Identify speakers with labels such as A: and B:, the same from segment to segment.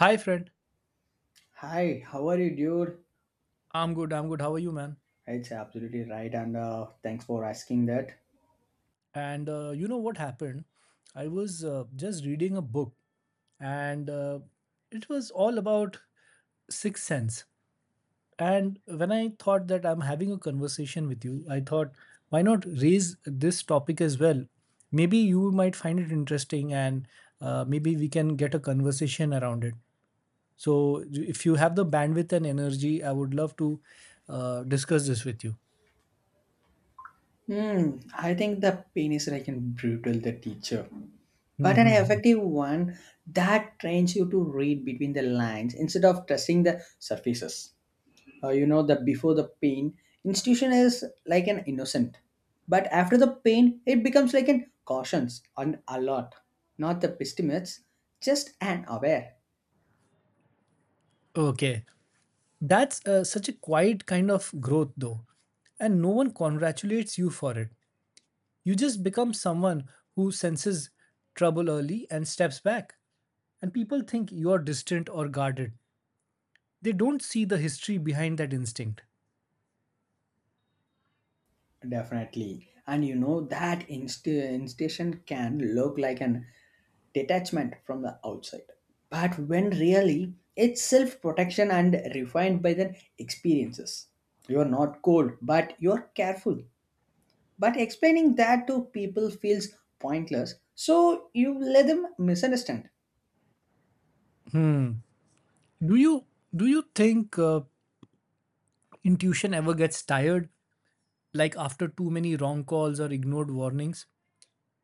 A: Hi, friend.
B: Hi, how are you, dude?
A: I'm good. I'm good. How are you, man?
B: It's absolutely right, and thanks for asking that.
A: And you know what happened? I was just reading a book, and it was all about sixth sense. And when I thought that I'm having a conversation with you, I thought, why not raise this topic as well? Maybe you might find it interesting, and maybe we can get a conversation around it. So, if you have the bandwidth and energy, I would love to discuss this with you.
B: I think the pain is like an brutal the teacher, but an
A: Hmm.
B: effective one that trains you to read between the lines instead of trusting the surfaces. You know that before the pain, institution is like an innocent, but after the pain, it becomes like an cautions, an alert, not the pessimists, just an aware.
A: Okay. That's such a quiet kind of growth, though, and no one congratulates you for it. You just become someone who senses trouble early and steps back. And people think you are distant or guarded. They don't see the history behind that instinct.
B: Definitely. And you know that institution can look like an detachment from the outside. But when really it's self protection and refined by the experiences. You're not cold, but you're careful. But explaining that to people feels pointless, so you let them misunderstand.
A: Do you do you think intuition ever gets tired, like after too many wrong calls or ignored warnings?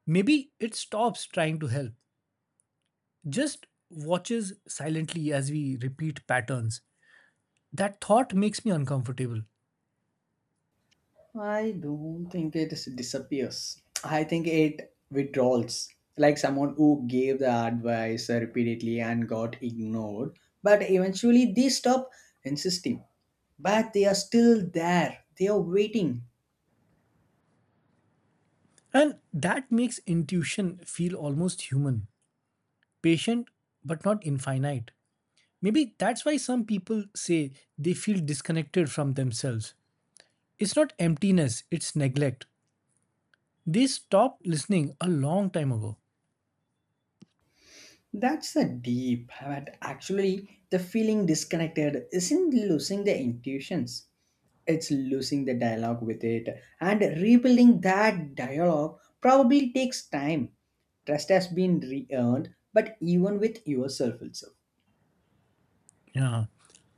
A: Maybe it stops trying to help, just watches silently as we repeat patterns. That thought makes me uncomfortable.
B: I don't think it disappears. I think it withdraws. Like someone who gave the advice repeatedly and got ignored, but eventually they stop insisting. But they are still there. They are waiting.
A: And that makes intuition feel almost human, patient, but not infinite. Maybe that's why some people say they feel disconnected from themselves. It's not emptiness, it's neglect. They stopped listening a long time ago.
B: That's the deep. But actually, the feeling disconnected isn't losing their intuitions. It's losing the dialogue with it, and rebuilding that dialogue probably takes time. Trust has been re-earned, but even with yourself also.
A: Yeah,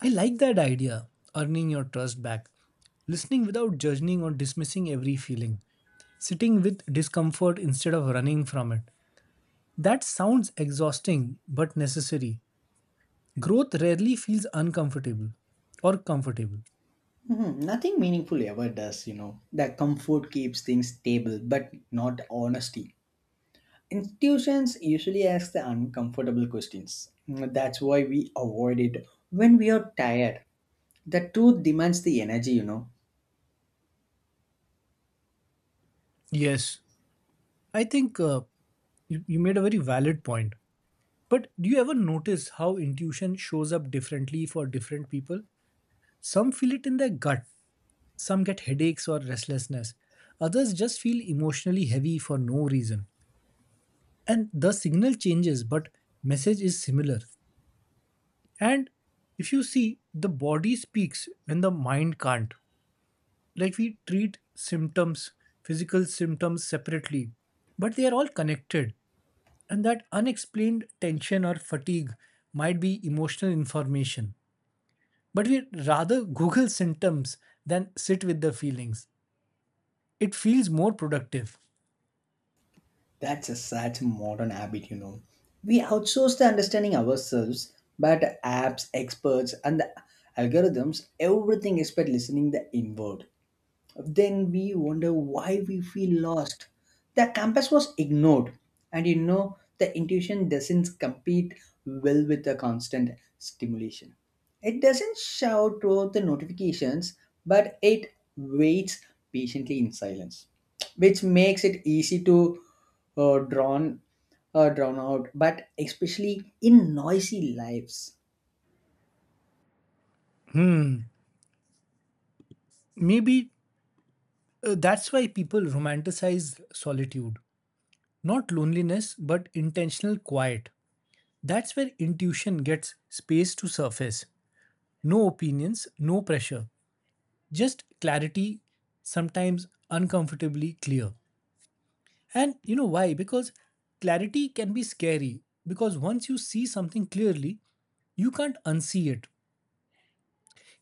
A: I like that idea, earning your trust back. Listening without judging or dismissing every feeling. Sitting with discomfort instead of running from it. That sounds exhausting but necessary. Growth rarely feels uncomfortable or comfortable.
B: Mhm, nothing meaningful ever does. The comfort keeps things stable, but not honesty. Institutions usually ask the uncomfortable questions. That's why we avoid it when we are tired. The truth demands the energy.
A: Yes, I think you made a very valid point. But do you ever notice how intuition shows up differently for different people? Some feel it in their gut, some get headaches or restlessness, others just feel emotionally heavy for no reason. And the signal changes, but message is similar. And if you see, the body speaks when the mind can't. Like we treat symptoms, physical symptoms separately, but they are all connected, and that unexplained tension or fatigue might be emotional information, but we rather google symptoms than sit with the feelings. It feels more productive.
B: That's a sad modern habit. We outsource the understanding ourselves, but apps, experts, and the algorithms, everything expect listening the inward. Then we wonder why we feel lost. The compass was ignored, and the intuition doesn't compete well with the constant stimulation. It doesn't shout through the notifications, but it waits patiently in silence, which makes it easy to uh, drawn drawn out, but especially in noisy lives.
A: Hmm, maybe that's why people romanticize solitude, not loneliness but intentional quiet. That's where intuition gets space to surface, no opinions, no pressure, just clarity, sometimes uncomfortably clear. And you know why? Because clarity can be scary, because once you see something clearly, you can't unsee it.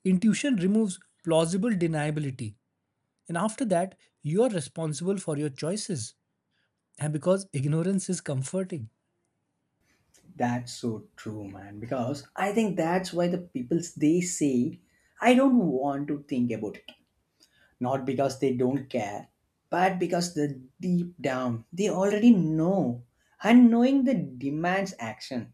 A: Intuition removes plausible deniability. And after that, you're responsible for your choices. And because ignorance is comforting.
B: That's so true, man. Because I think that's why the people they say, I don't want to think about it. Not because they don't care, but because the deep down they already know. And knowing the demands action.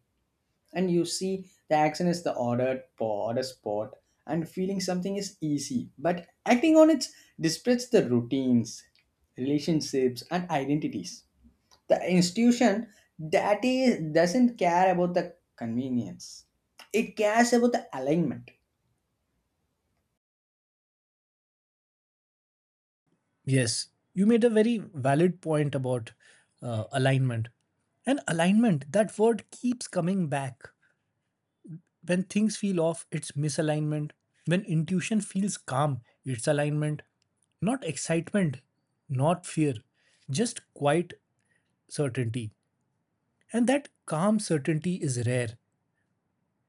B: And you see, the action is the ordered order spot. And feeling something is easy, but acting on it disrupts the routines, relationships, and identities. The institution that is doesn't care about the convenience. It cares about the alignment.
A: Yes, you made a very valid point about alignment. And alignment, that word keeps coming back. When things feel off, it's misalignment. When intuition feels calm, it's alignment. Not excitement, not fear, just quiet certainty. And that calm certainty is rare.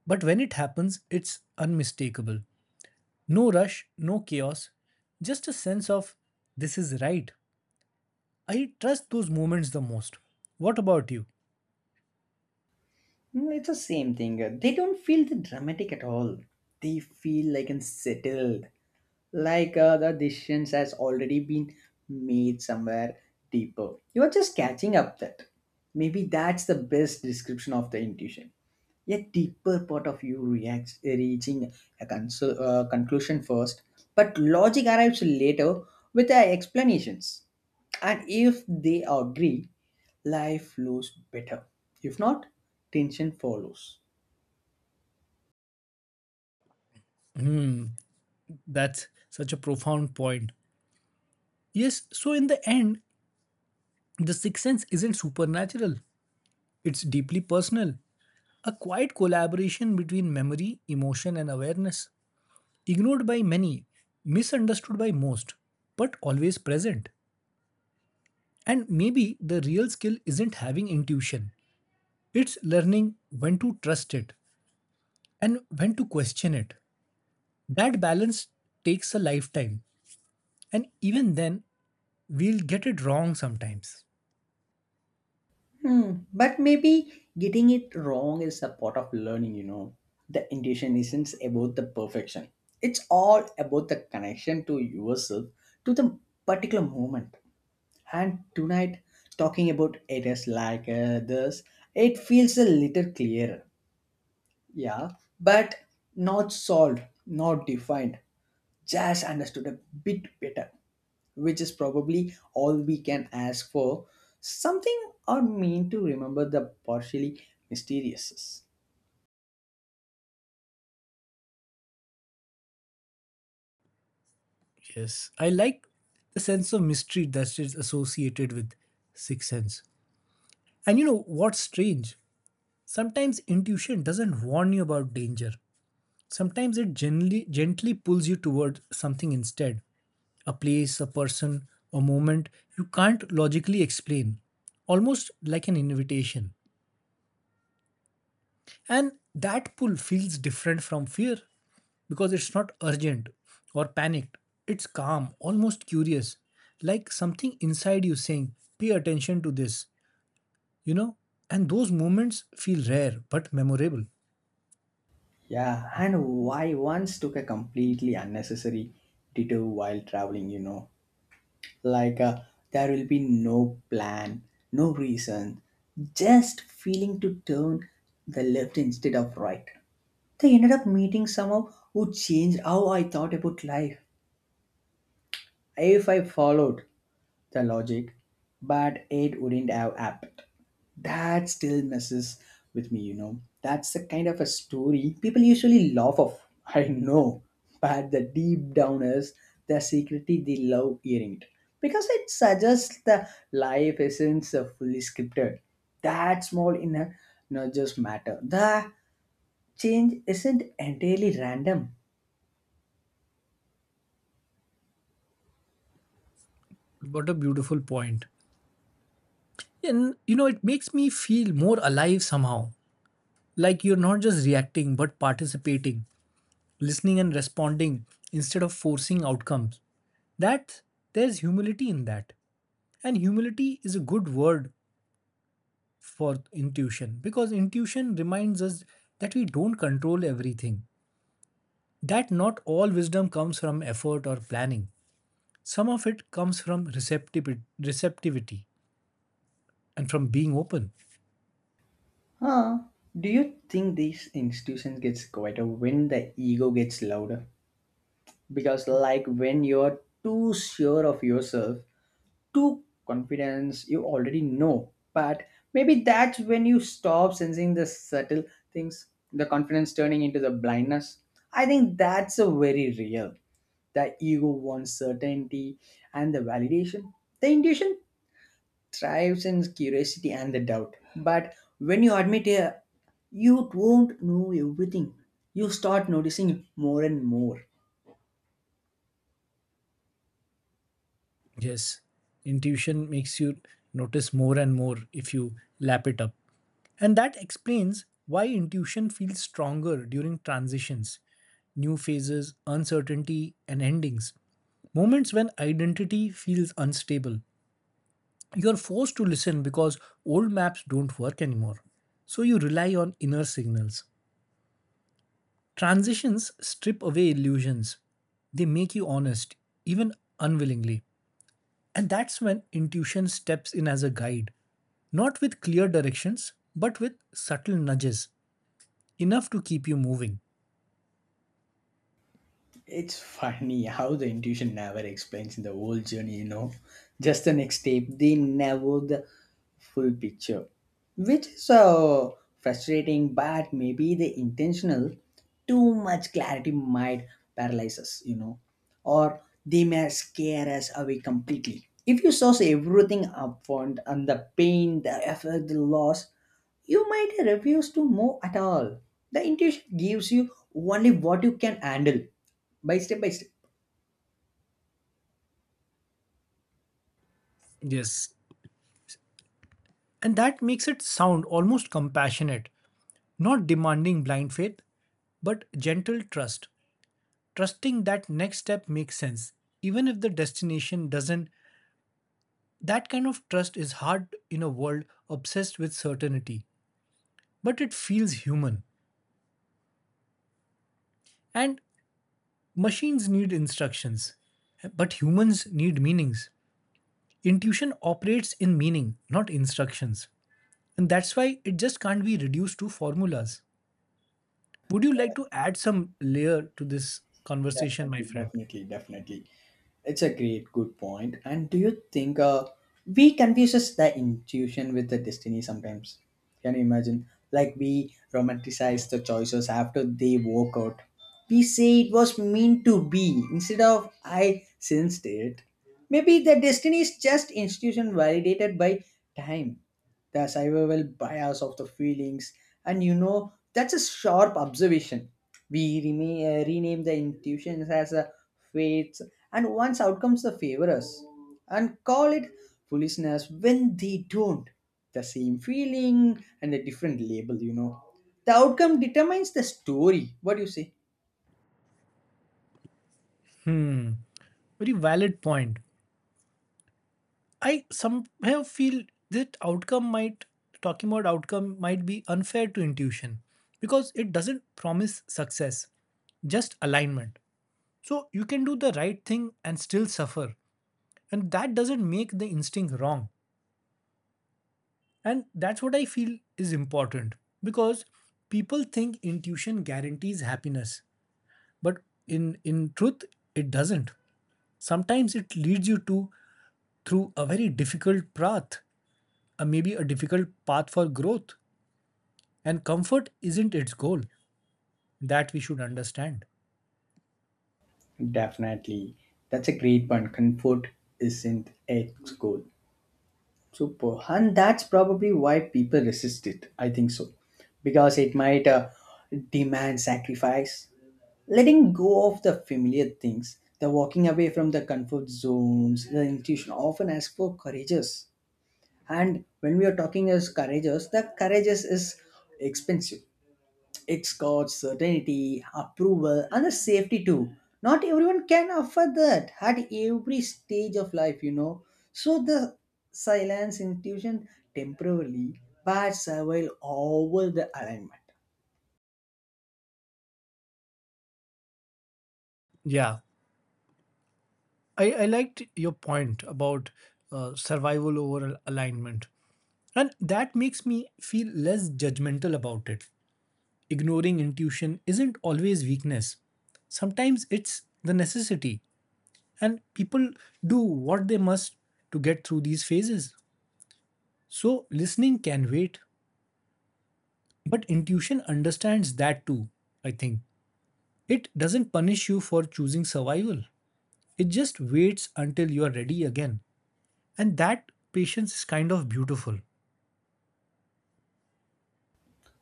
A: But when it happens, it's unmistakable. No rush, no chaos, just a sense of this is right. I trust those moments the most. What about you?
B: It's the same thing. They don't feel the dramatic at all. They feel like and settled like the decisions has already been made somewhere deeper. You're just catching up that maybe that's the best description of the intuition. A deeper part of you reacts, reaching a conclusion first, but logic arrives later with the explanations. And if they agree, life flows better. If not, tension follows.
A: That's such a profound point. Yes, so in the end, the sixth sense isn't supernatural. It's deeply personal, a quiet collaboration between memory, emotion, and awareness. Ignored by many, misunderstood by most, but always present. And maybe the real skill isn't having intuition, it's learning when to trust it and when to question it. That balance takes a lifetime, and even then, we'll get it wrong sometimes.
B: Hmm. But maybe getting it wrong is a part of learning. The intuition isn't about the perfection, it's all about the connection to yourself, to the particular moment. And tonight, talking about areas like this, it feels a little clearer. Yeah, but not solved, not defined, just understood a bit better, which is probably all we can ask for. Something or mean to remember the partially mysterious.
A: Yes, I like the sense of mystery that is associated with Sixth Sense. And you know what's strange? Sometimes intuition doesn't warn you about danger. Sometimes it gently, gently pulls you towards something instead, a place, a person, a moment you can't logically explain, almost like an invitation. And that pull feels different from fear because it's not urgent or panicked. It's calm, almost curious, like something inside you saying, pay attention to this, you know? And those moments feel rare but memorable.
B: Yeah, and why once took a completely unnecessary detour while traveling. Like there will be no plan, no reason, just feeling to turn the left instead of right. They ended up meeting someone who changed how I thought about life if I followed the logic, but it wouldn't have happened. That still messes with me. That's the kind of a story people usually laugh off. I know, but the deep downers, the secretly they love hearing it because it suggests the life isn't so fully scripted. That small inner nudges matter. The change isn't entirely random.
A: What a beautiful point. And you know, it makes me feel more alive somehow. Like you're not just reacting, but participating, listening and responding instead of forcing outcomes. That there's humility in that. And humility is a good word for intuition, because intuition reminds us that we don't control everything. That not all wisdom comes from effort or planning. Some of it comes from receptivity and from being open.
B: Huh? Do you think these institutions gets quieter when the ego gets louder? Because like when you're too sure of yourself, too confidence, you already know. But maybe that's when you stop sensing the subtle things, the confidence turning into the blindness. I think that's a very real. The ego wants certainty and the validation. The intuition thrives in curiosity and the doubt. But when you admit you won't know everything, you start noticing more and more.
A: Yes, intuition makes you notice more and more if you lap it up. And that explains why intuition feels stronger during transitions, new phases, uncertainty, and endings. Moments when identity feels unstable. You're forced to listen because old maps don't work anymore. So you rely on inner signals. Transitions strip away illusions, they make you honest, even unwillingly. And that's when intuition steps in as a guide, not with clear directions, but with subtle nudges, enough to keep you moving.
B: It's funny how the intuition never explains in the whole journey. Just the next step, they never the full picture, which is frustrating, but maybe the intentional too much clarity might paralyze us, or they may scare us away completely. If you source everything upfront and the pain, the effort, the loss, you might refuse to move at all. The intuition gives you only what you can handle by step by step.
A: Yes. And that makes it sound almost compassionate, not demanding blind faith, but gentle trust. Trusting that next step makes sense, even if the destination doesn't. That kind of trust is hard in a world obsessed with certainty, but it feels human. And machines need instructions, but humans need meanings. Intuition operates in meaning, not instructions. And that's why it just can't be reduced to formulas. Would you like to add some layer to this conversation, my
B: Definitely,
A: friend?
B: definitely, definitely. It's a great, good point. And do you think we confuses the intuition with the destiny sometimes? Can you imagine? Like we romanticize the choices after they work out. We say it was meant to be instead of I sensed it. Maybe the destiny is just institution validated by time, the survival bias of the feelings, and you know that's a sharp observation. We rename the intuitions as fates, and once outcomes the favor us, and call it foolishness when they don't. The same feeling and a different label. The outcome determines the story. What do you say?
A: Very valid point. I somehow feel that outcome might, talking about outcome might be unfair to intuition because it doesn't promise success, just alignment. So you can do the right thing and still suffer. And that doesn't make the instinct wrong. And that's what I feel is important because people think intuition guarantees happiness, but in truth, it doesn't. Sometimes it leads you to through a very difficult path, maybe a difficult path for growth. And comfort isn't its goal. That we should understand.
B: Definitely. That's a great point. Comfort isn't a goal. Super. And that's probably why people resist it. I think so. Because it might demand sacrifice, letting go of the familiar things, the walking away from the comfort zones, the intuition often asks for courageous. And when we are talking as courageous, the courageous is expensive. It's got certainty, approval, and the safety too. Not everyone can afford that at every stage of life. So the silence intuition temporarily, but survival over the alignment.
A: Yeah, I liked your point about survival over alignment. And that makes me feel less judgmental about it. Ignoring intuition isn't always weakness. Sometimes it's the necessity, and people do what they must to get through these phases. So, listening can wait, but intuition understands that too, I think. It doesn't punish you for choosing survival, it just waits until you are ready again. And that patience is kind of beautiful.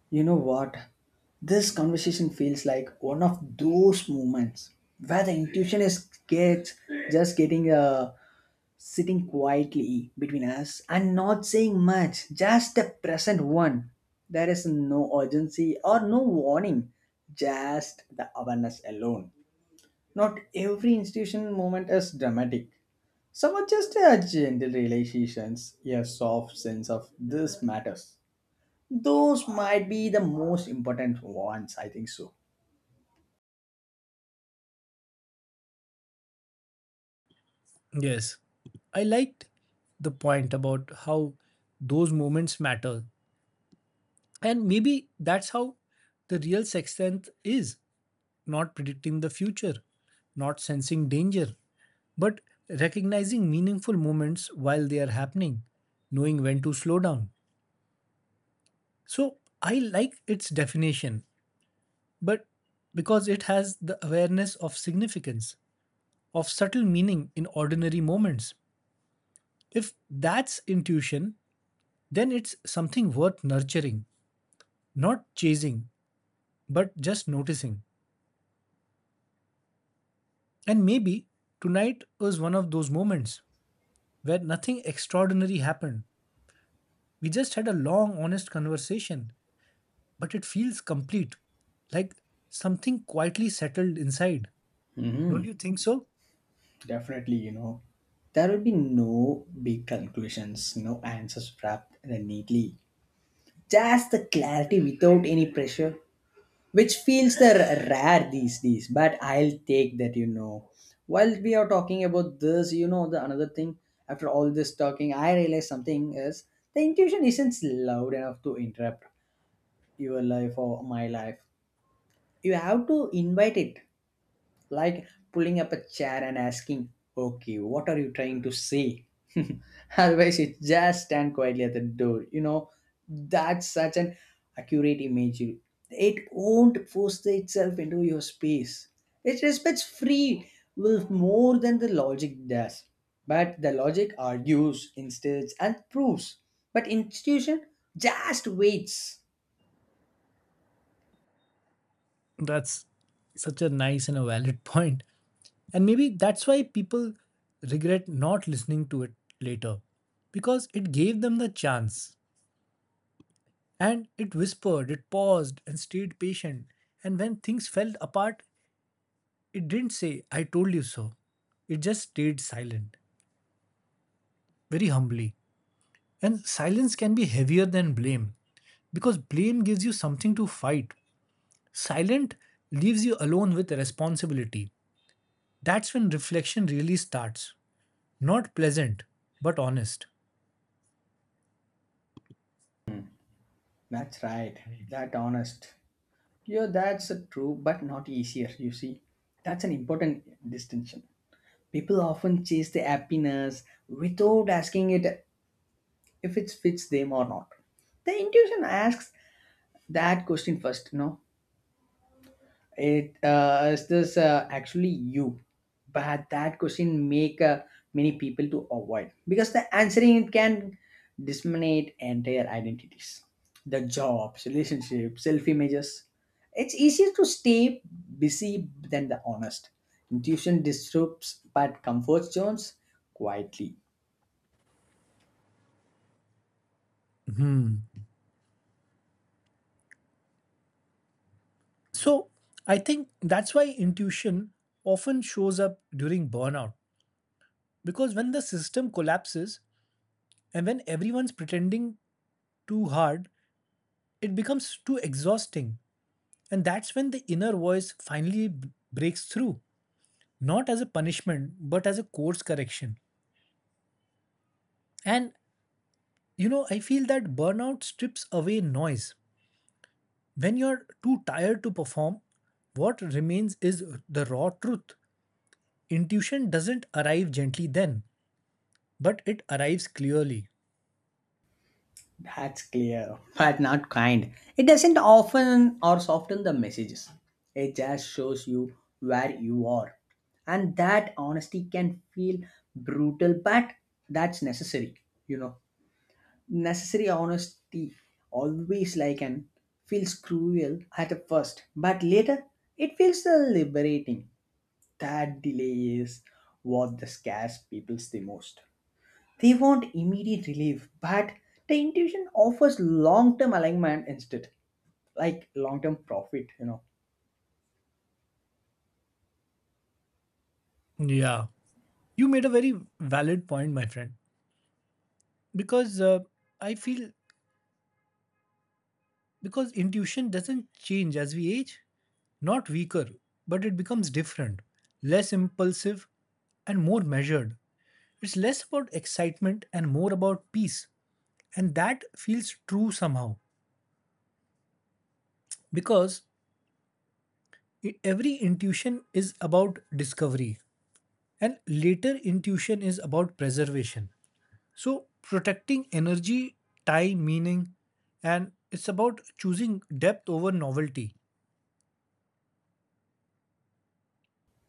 B: You know what? This conversation feels like one of those moments where the intuition is gets just getting sitting quietly between us and not saying much, just the present one. There is no urgency or no warning, just the awareness alone. Not every institution moment is dramatic. Some are just a gentle realizations, a soft sense of this matters. Those might be the most important ones, I think so.
A: Yes. I liked the point about how those moments matter. And maybe that's how the real sixth sense is, not predicting the future, not sensing danger, but recognizing meaningful moments while they are happening, knowing when to slow down. So I like its definition, but because it has the awareness of significance, of subtle meaning in ordinary moments. If that's intuition, then it's something worth nurturing, not chasing, but just noticing. And maybe tonight was one of those moments where nothing extraordinary happened. We just had a long, honest conversation, but it feels complete, like something quietly settled inside. Don't
B: Hmm.
A: you think so?
B: Definitely, there will be no big conclusions, no answers wrapped in a neatly. Just the clarity without any pressure, which feels the rare these days. But I'll take that. While we are talking about this, the another thing. After all this talking, I realized something is the intuition isn't loud enough to interrupt your life or my life. You have to invite it like pulling up a chair and asking, okay, what are you trying to say? Otherwise, you just stand quietly at the door. That's such an accurate imagery. It won't force itself into your space. It respects free will more than the logic does. But the logic argues, instead and proves. But institution just waits.
A: That's such a nice and a valid point. And maybe that's why people regret not listening to it later, because it gave them the chance. And it whispered, it paused, and stayed patient. And when things fell apart, it didn't say, I told you so. It just stayed silent, very humbly. And silence can be heavier than blame, because blame gives you something to fight. Silent leaves you alone with responsibility. That's when reflection really starts. Not pleasant, but honest.
B: That's right. That honest. Yeah, that's true, but not easier, you see. That's an important distinction. People often chase the happiness without asking it if it fits them or not. The intuition asks that question first, no? It is this actually you? But that question make many people to avoid because the answering it can disseminate entire identities, the jobs, relationships, self images. It's easier to stay busy than the honest. Intuition disrupts but comfort zones quietly.
A: So, I think that's why intuition often shows up during burnout, because when the system collapses and when everyone's pretending too hard, it becomes too exhausting. And that's when the inner voice finally breaks through, not as a punishment, but as a course correction. And you know, I feel that burnout strips away noise. When you're too tired to perform, what remains is the raw truth. Intuition doesn't arrive gently then, but it arrives clearly.
B: That's clear, but not kind. It doesn't often or soften the messages. It just shows you where you are. And that honesty can feel brutal, but that's necessary, you know. Necessary honesty always like and feels cruel at the first, but later it feels liberating. That delay is what the scares people the most. They want immediate relief, but the intuition offers long term alignment instead, like long term profit.
A: Yeah. You made a very valid point, my friend. Because I feel, because intuition doesn't change as we age, not weaker, but it becomes different, less impulsive, and more measured. It's less about excitement and more about peace. And that feels true somehow because every intuition is about discovery, and later intuition is about preservation. So, protecting energy, time, meaning, and it's about choosing depth over novelty.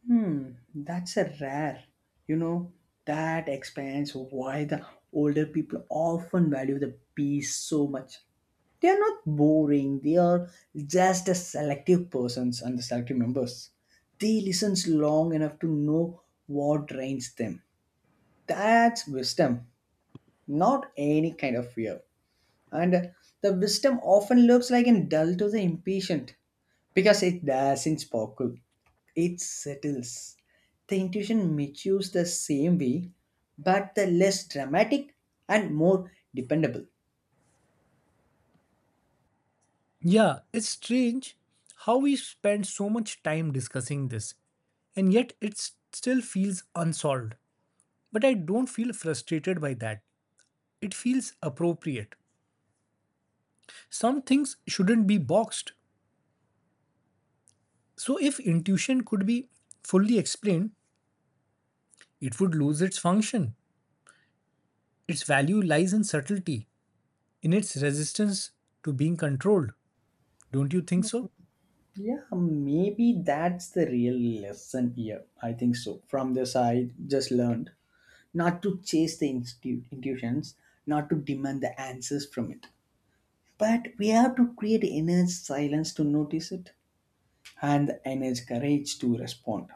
B: Hmm, that's a rare, you know, that explains why the older people often value the peace so much. They are not boring, they are just a selective persons and the selective members. They listen long enough to know what drains them. That's wisdom, not any kind of fear. And the wisdom often looks like an dull to the impatient because it doesn't sparkle. It settles. The intuition matures the same way, but the less dramatic and more dependable.
A: Yeah, it's strange how we spend so much time discussing this and yet it still feels unsolved. But I don't feel frustrated by that. It feels appropriate. Some things shouldn't be boxed. So, if intuition could be fully explained, it would lose its function. Its value lies in subtlety, in its resistance to being controlled. Don't you think so?
B: Yeah, maybe that's the real lesson here, I think so. From this I just learned not to chase the intuitions, not to demand the answers from it, but we have to create inner silence to notice it, and the energy, courage to respond.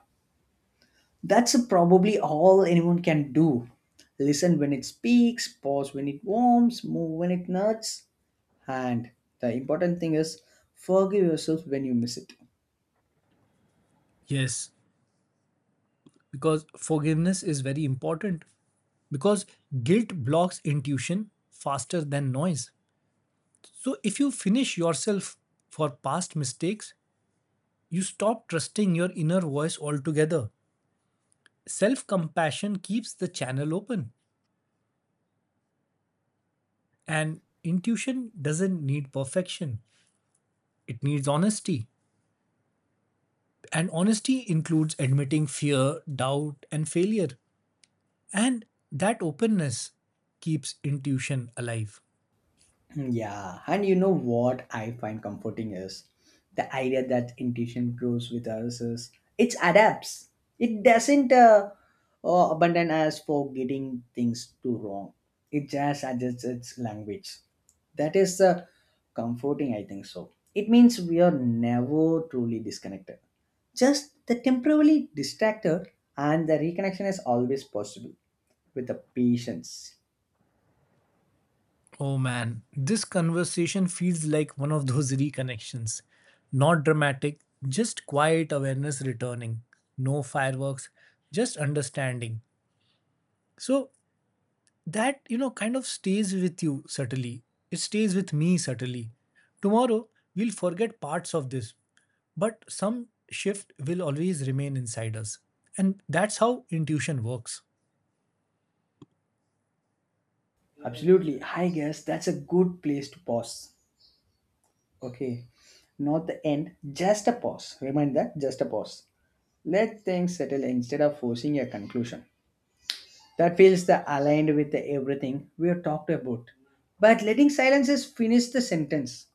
B: That's probably all anyone can do. Listen when it speaks, pause when it warms, move when it nuts, and the important thing is forgive yourself when you miss it.
A: Yes, because forgiveness is very important. Because guilt blocks intuition faster than noise. So, if you finish yourself for past mistakes, you stop trusting your inner voice altogether. Self compassion keeps the channel open, and intuition doesn't need perfection, it needs honesty. And honesty includes admitting fear, doubt, and failure. And that openness keeps intuition alive.
B: Yeah, and you know what I find comforting is the idea that intuition grows with us is it adapts. It doesn't abandon us for getting things too wrong. It just adjusts its language. That is comforting, I think so. It means we are never truly disconnected. Just the temporarily distracted, and the reconnection is always possible with the patience.
A: Oh man, this conversation feels like one of those reconnections. Not dramatic, just quiet awareness returning. No fireworks, just understanding. So that you know kind of stays with you subtly, it stays with me subtly. Tomorrow we'll forget parts of this, but some shift will always remain inside us, and that's how intuition works.
B: Absolutely. I guess that's a good place to pause. Okay. Not the end, just a pause. Remind that, just a pause. Let things settle instead of forcing a conclusion. That feels the aligned with the everything we have talked about. But letting silences finish the sentence.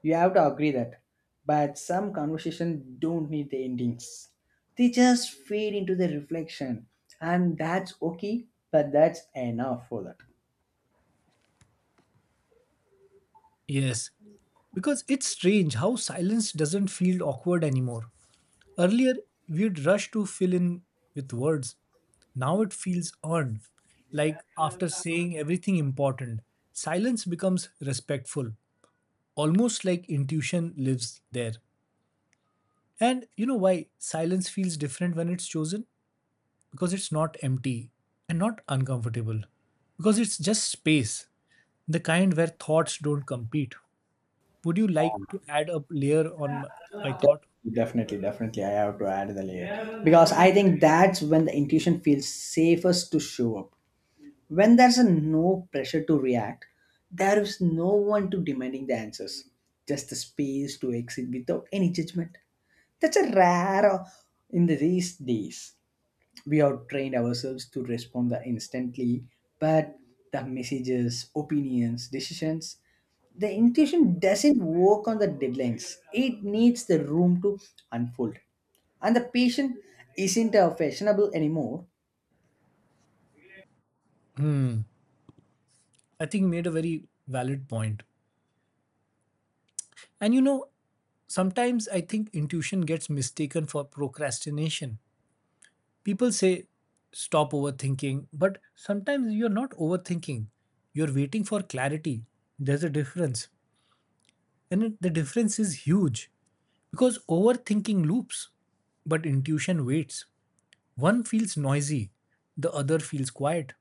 B: You have to agree that. But some conversation don't need the endings. They just fade into the reflection. And that's okay, but that's enough for that.
A: Yes, because it's strange how silence doesn't feel awkward anymore. Earlier we'd rush to fill in with words, now it feels earned, like after saying everything important silence becomes respectful, almost like intuition lives there. And you know why silence feels different when it's chosen? Because it's not empty and not uncomfortable. Because it's just space, the kind where thoughts don't compete. Would you like to add a layer on my thought?
B: Definitely, definitely. I have to add the layer because I think that's when the intuition feels safest to show up. When there's a no pressure to react, there is no one to demanding the answers, just the space to exit without any judgment. That's a rare in these days. We have trained ourselves to respond the instantly, but the messages, opinions, decisions, the intuition doesn't work on the deadlines. It needs the room to unfold and the patient isn't fashionable anymore.
A: I think you made a very valid point. And you know, sometimes I think intuition gets mistaken for procrastination. People say stop overthinking, but sometimes you're not overthinking. You're waiting for clarity. There's a difference. And the difference is huge because overthinking loops, but intuition waits. One feels noisy, the other feels quiet.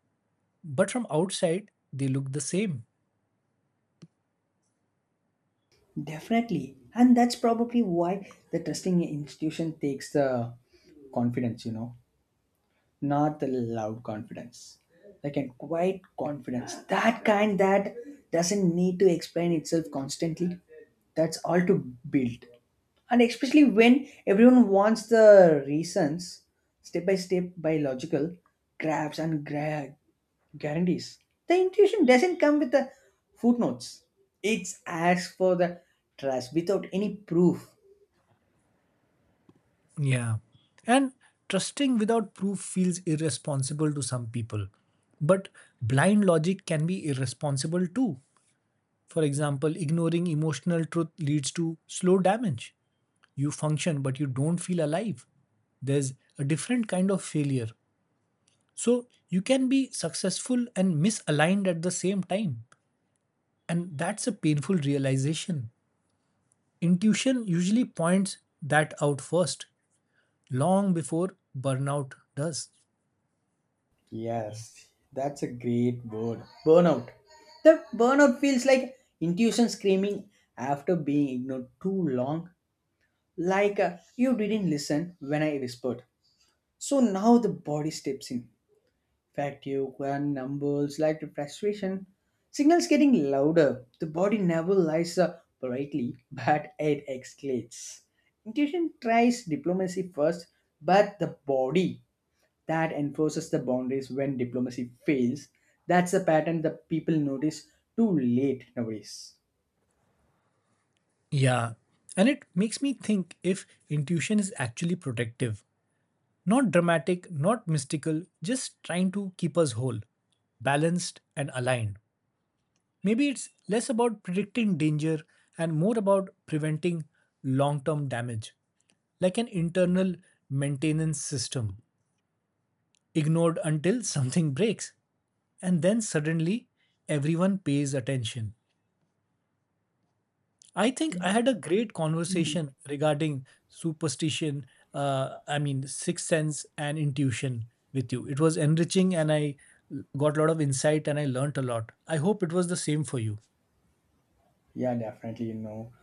A: But from outside, they look the same.
B: Definitely and that's probably why the trusting institution takes the confidence, not the loud confidence, like a quiet confidence that kind that doesn't need to explain itself constantly that's all to build, and especially when everyone wants the reasons step by step by logical grabs and guarantees. The intuition doesn't come with the footnotes. It's asked for the trust without any proof.
A: Yeah. And trusting without proof feels irresponsible to some people. But blind logic can be irresponsible too. For example, ignoring emotional truth leads to slow damage. You function, but you don't feel alive. There's a different kind of failure. So you can be successful and misaligned at the same time. And that's a painful realization. Intuition usually points that out first, long before burnout does.
B: Yes, that's a great word. Burnout. The burnout feels like intuition screaming after being ignored too long, like you didn't listen when I whispered. So now the body steps in. Fatigue, and numbers, like the frustration. Signals getting louder. The body never lies politely, but it escalates. Intuition tries diplomacy first, but the body that enforces the boundaries when diplomacy fails. That's a pattern that people notice too late nowadays.
A: Yeah. And it makes me think if intuition is actually protective. Not dramatic, not mystical, just trying to keep us whole, balanced, and aligned. Maybe it's less about predicting danger and more about preventing long term damage, like an internal maintenance system, ignored until something breaks, and then suddenly everyone pays attention. I think I had a great conversation regarding superstition, I mean, sixth sense and intuition with you. It was enriching and I got a lot of insight and I learnt a lot. I hope it was the same for you.
B: Yeah, definitely.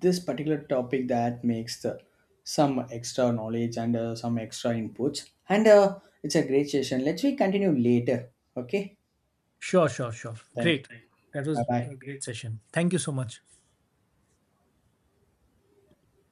B: This particular topic that makes the some extra knowledge and some extra inputs, and it's a great session. Let's we continue later. Okay.
A: Sure, sure, sure.
B: Thank you.
A: Great. That
B: Bye
A: was
B: bye.
A: a great session. Thank you so much.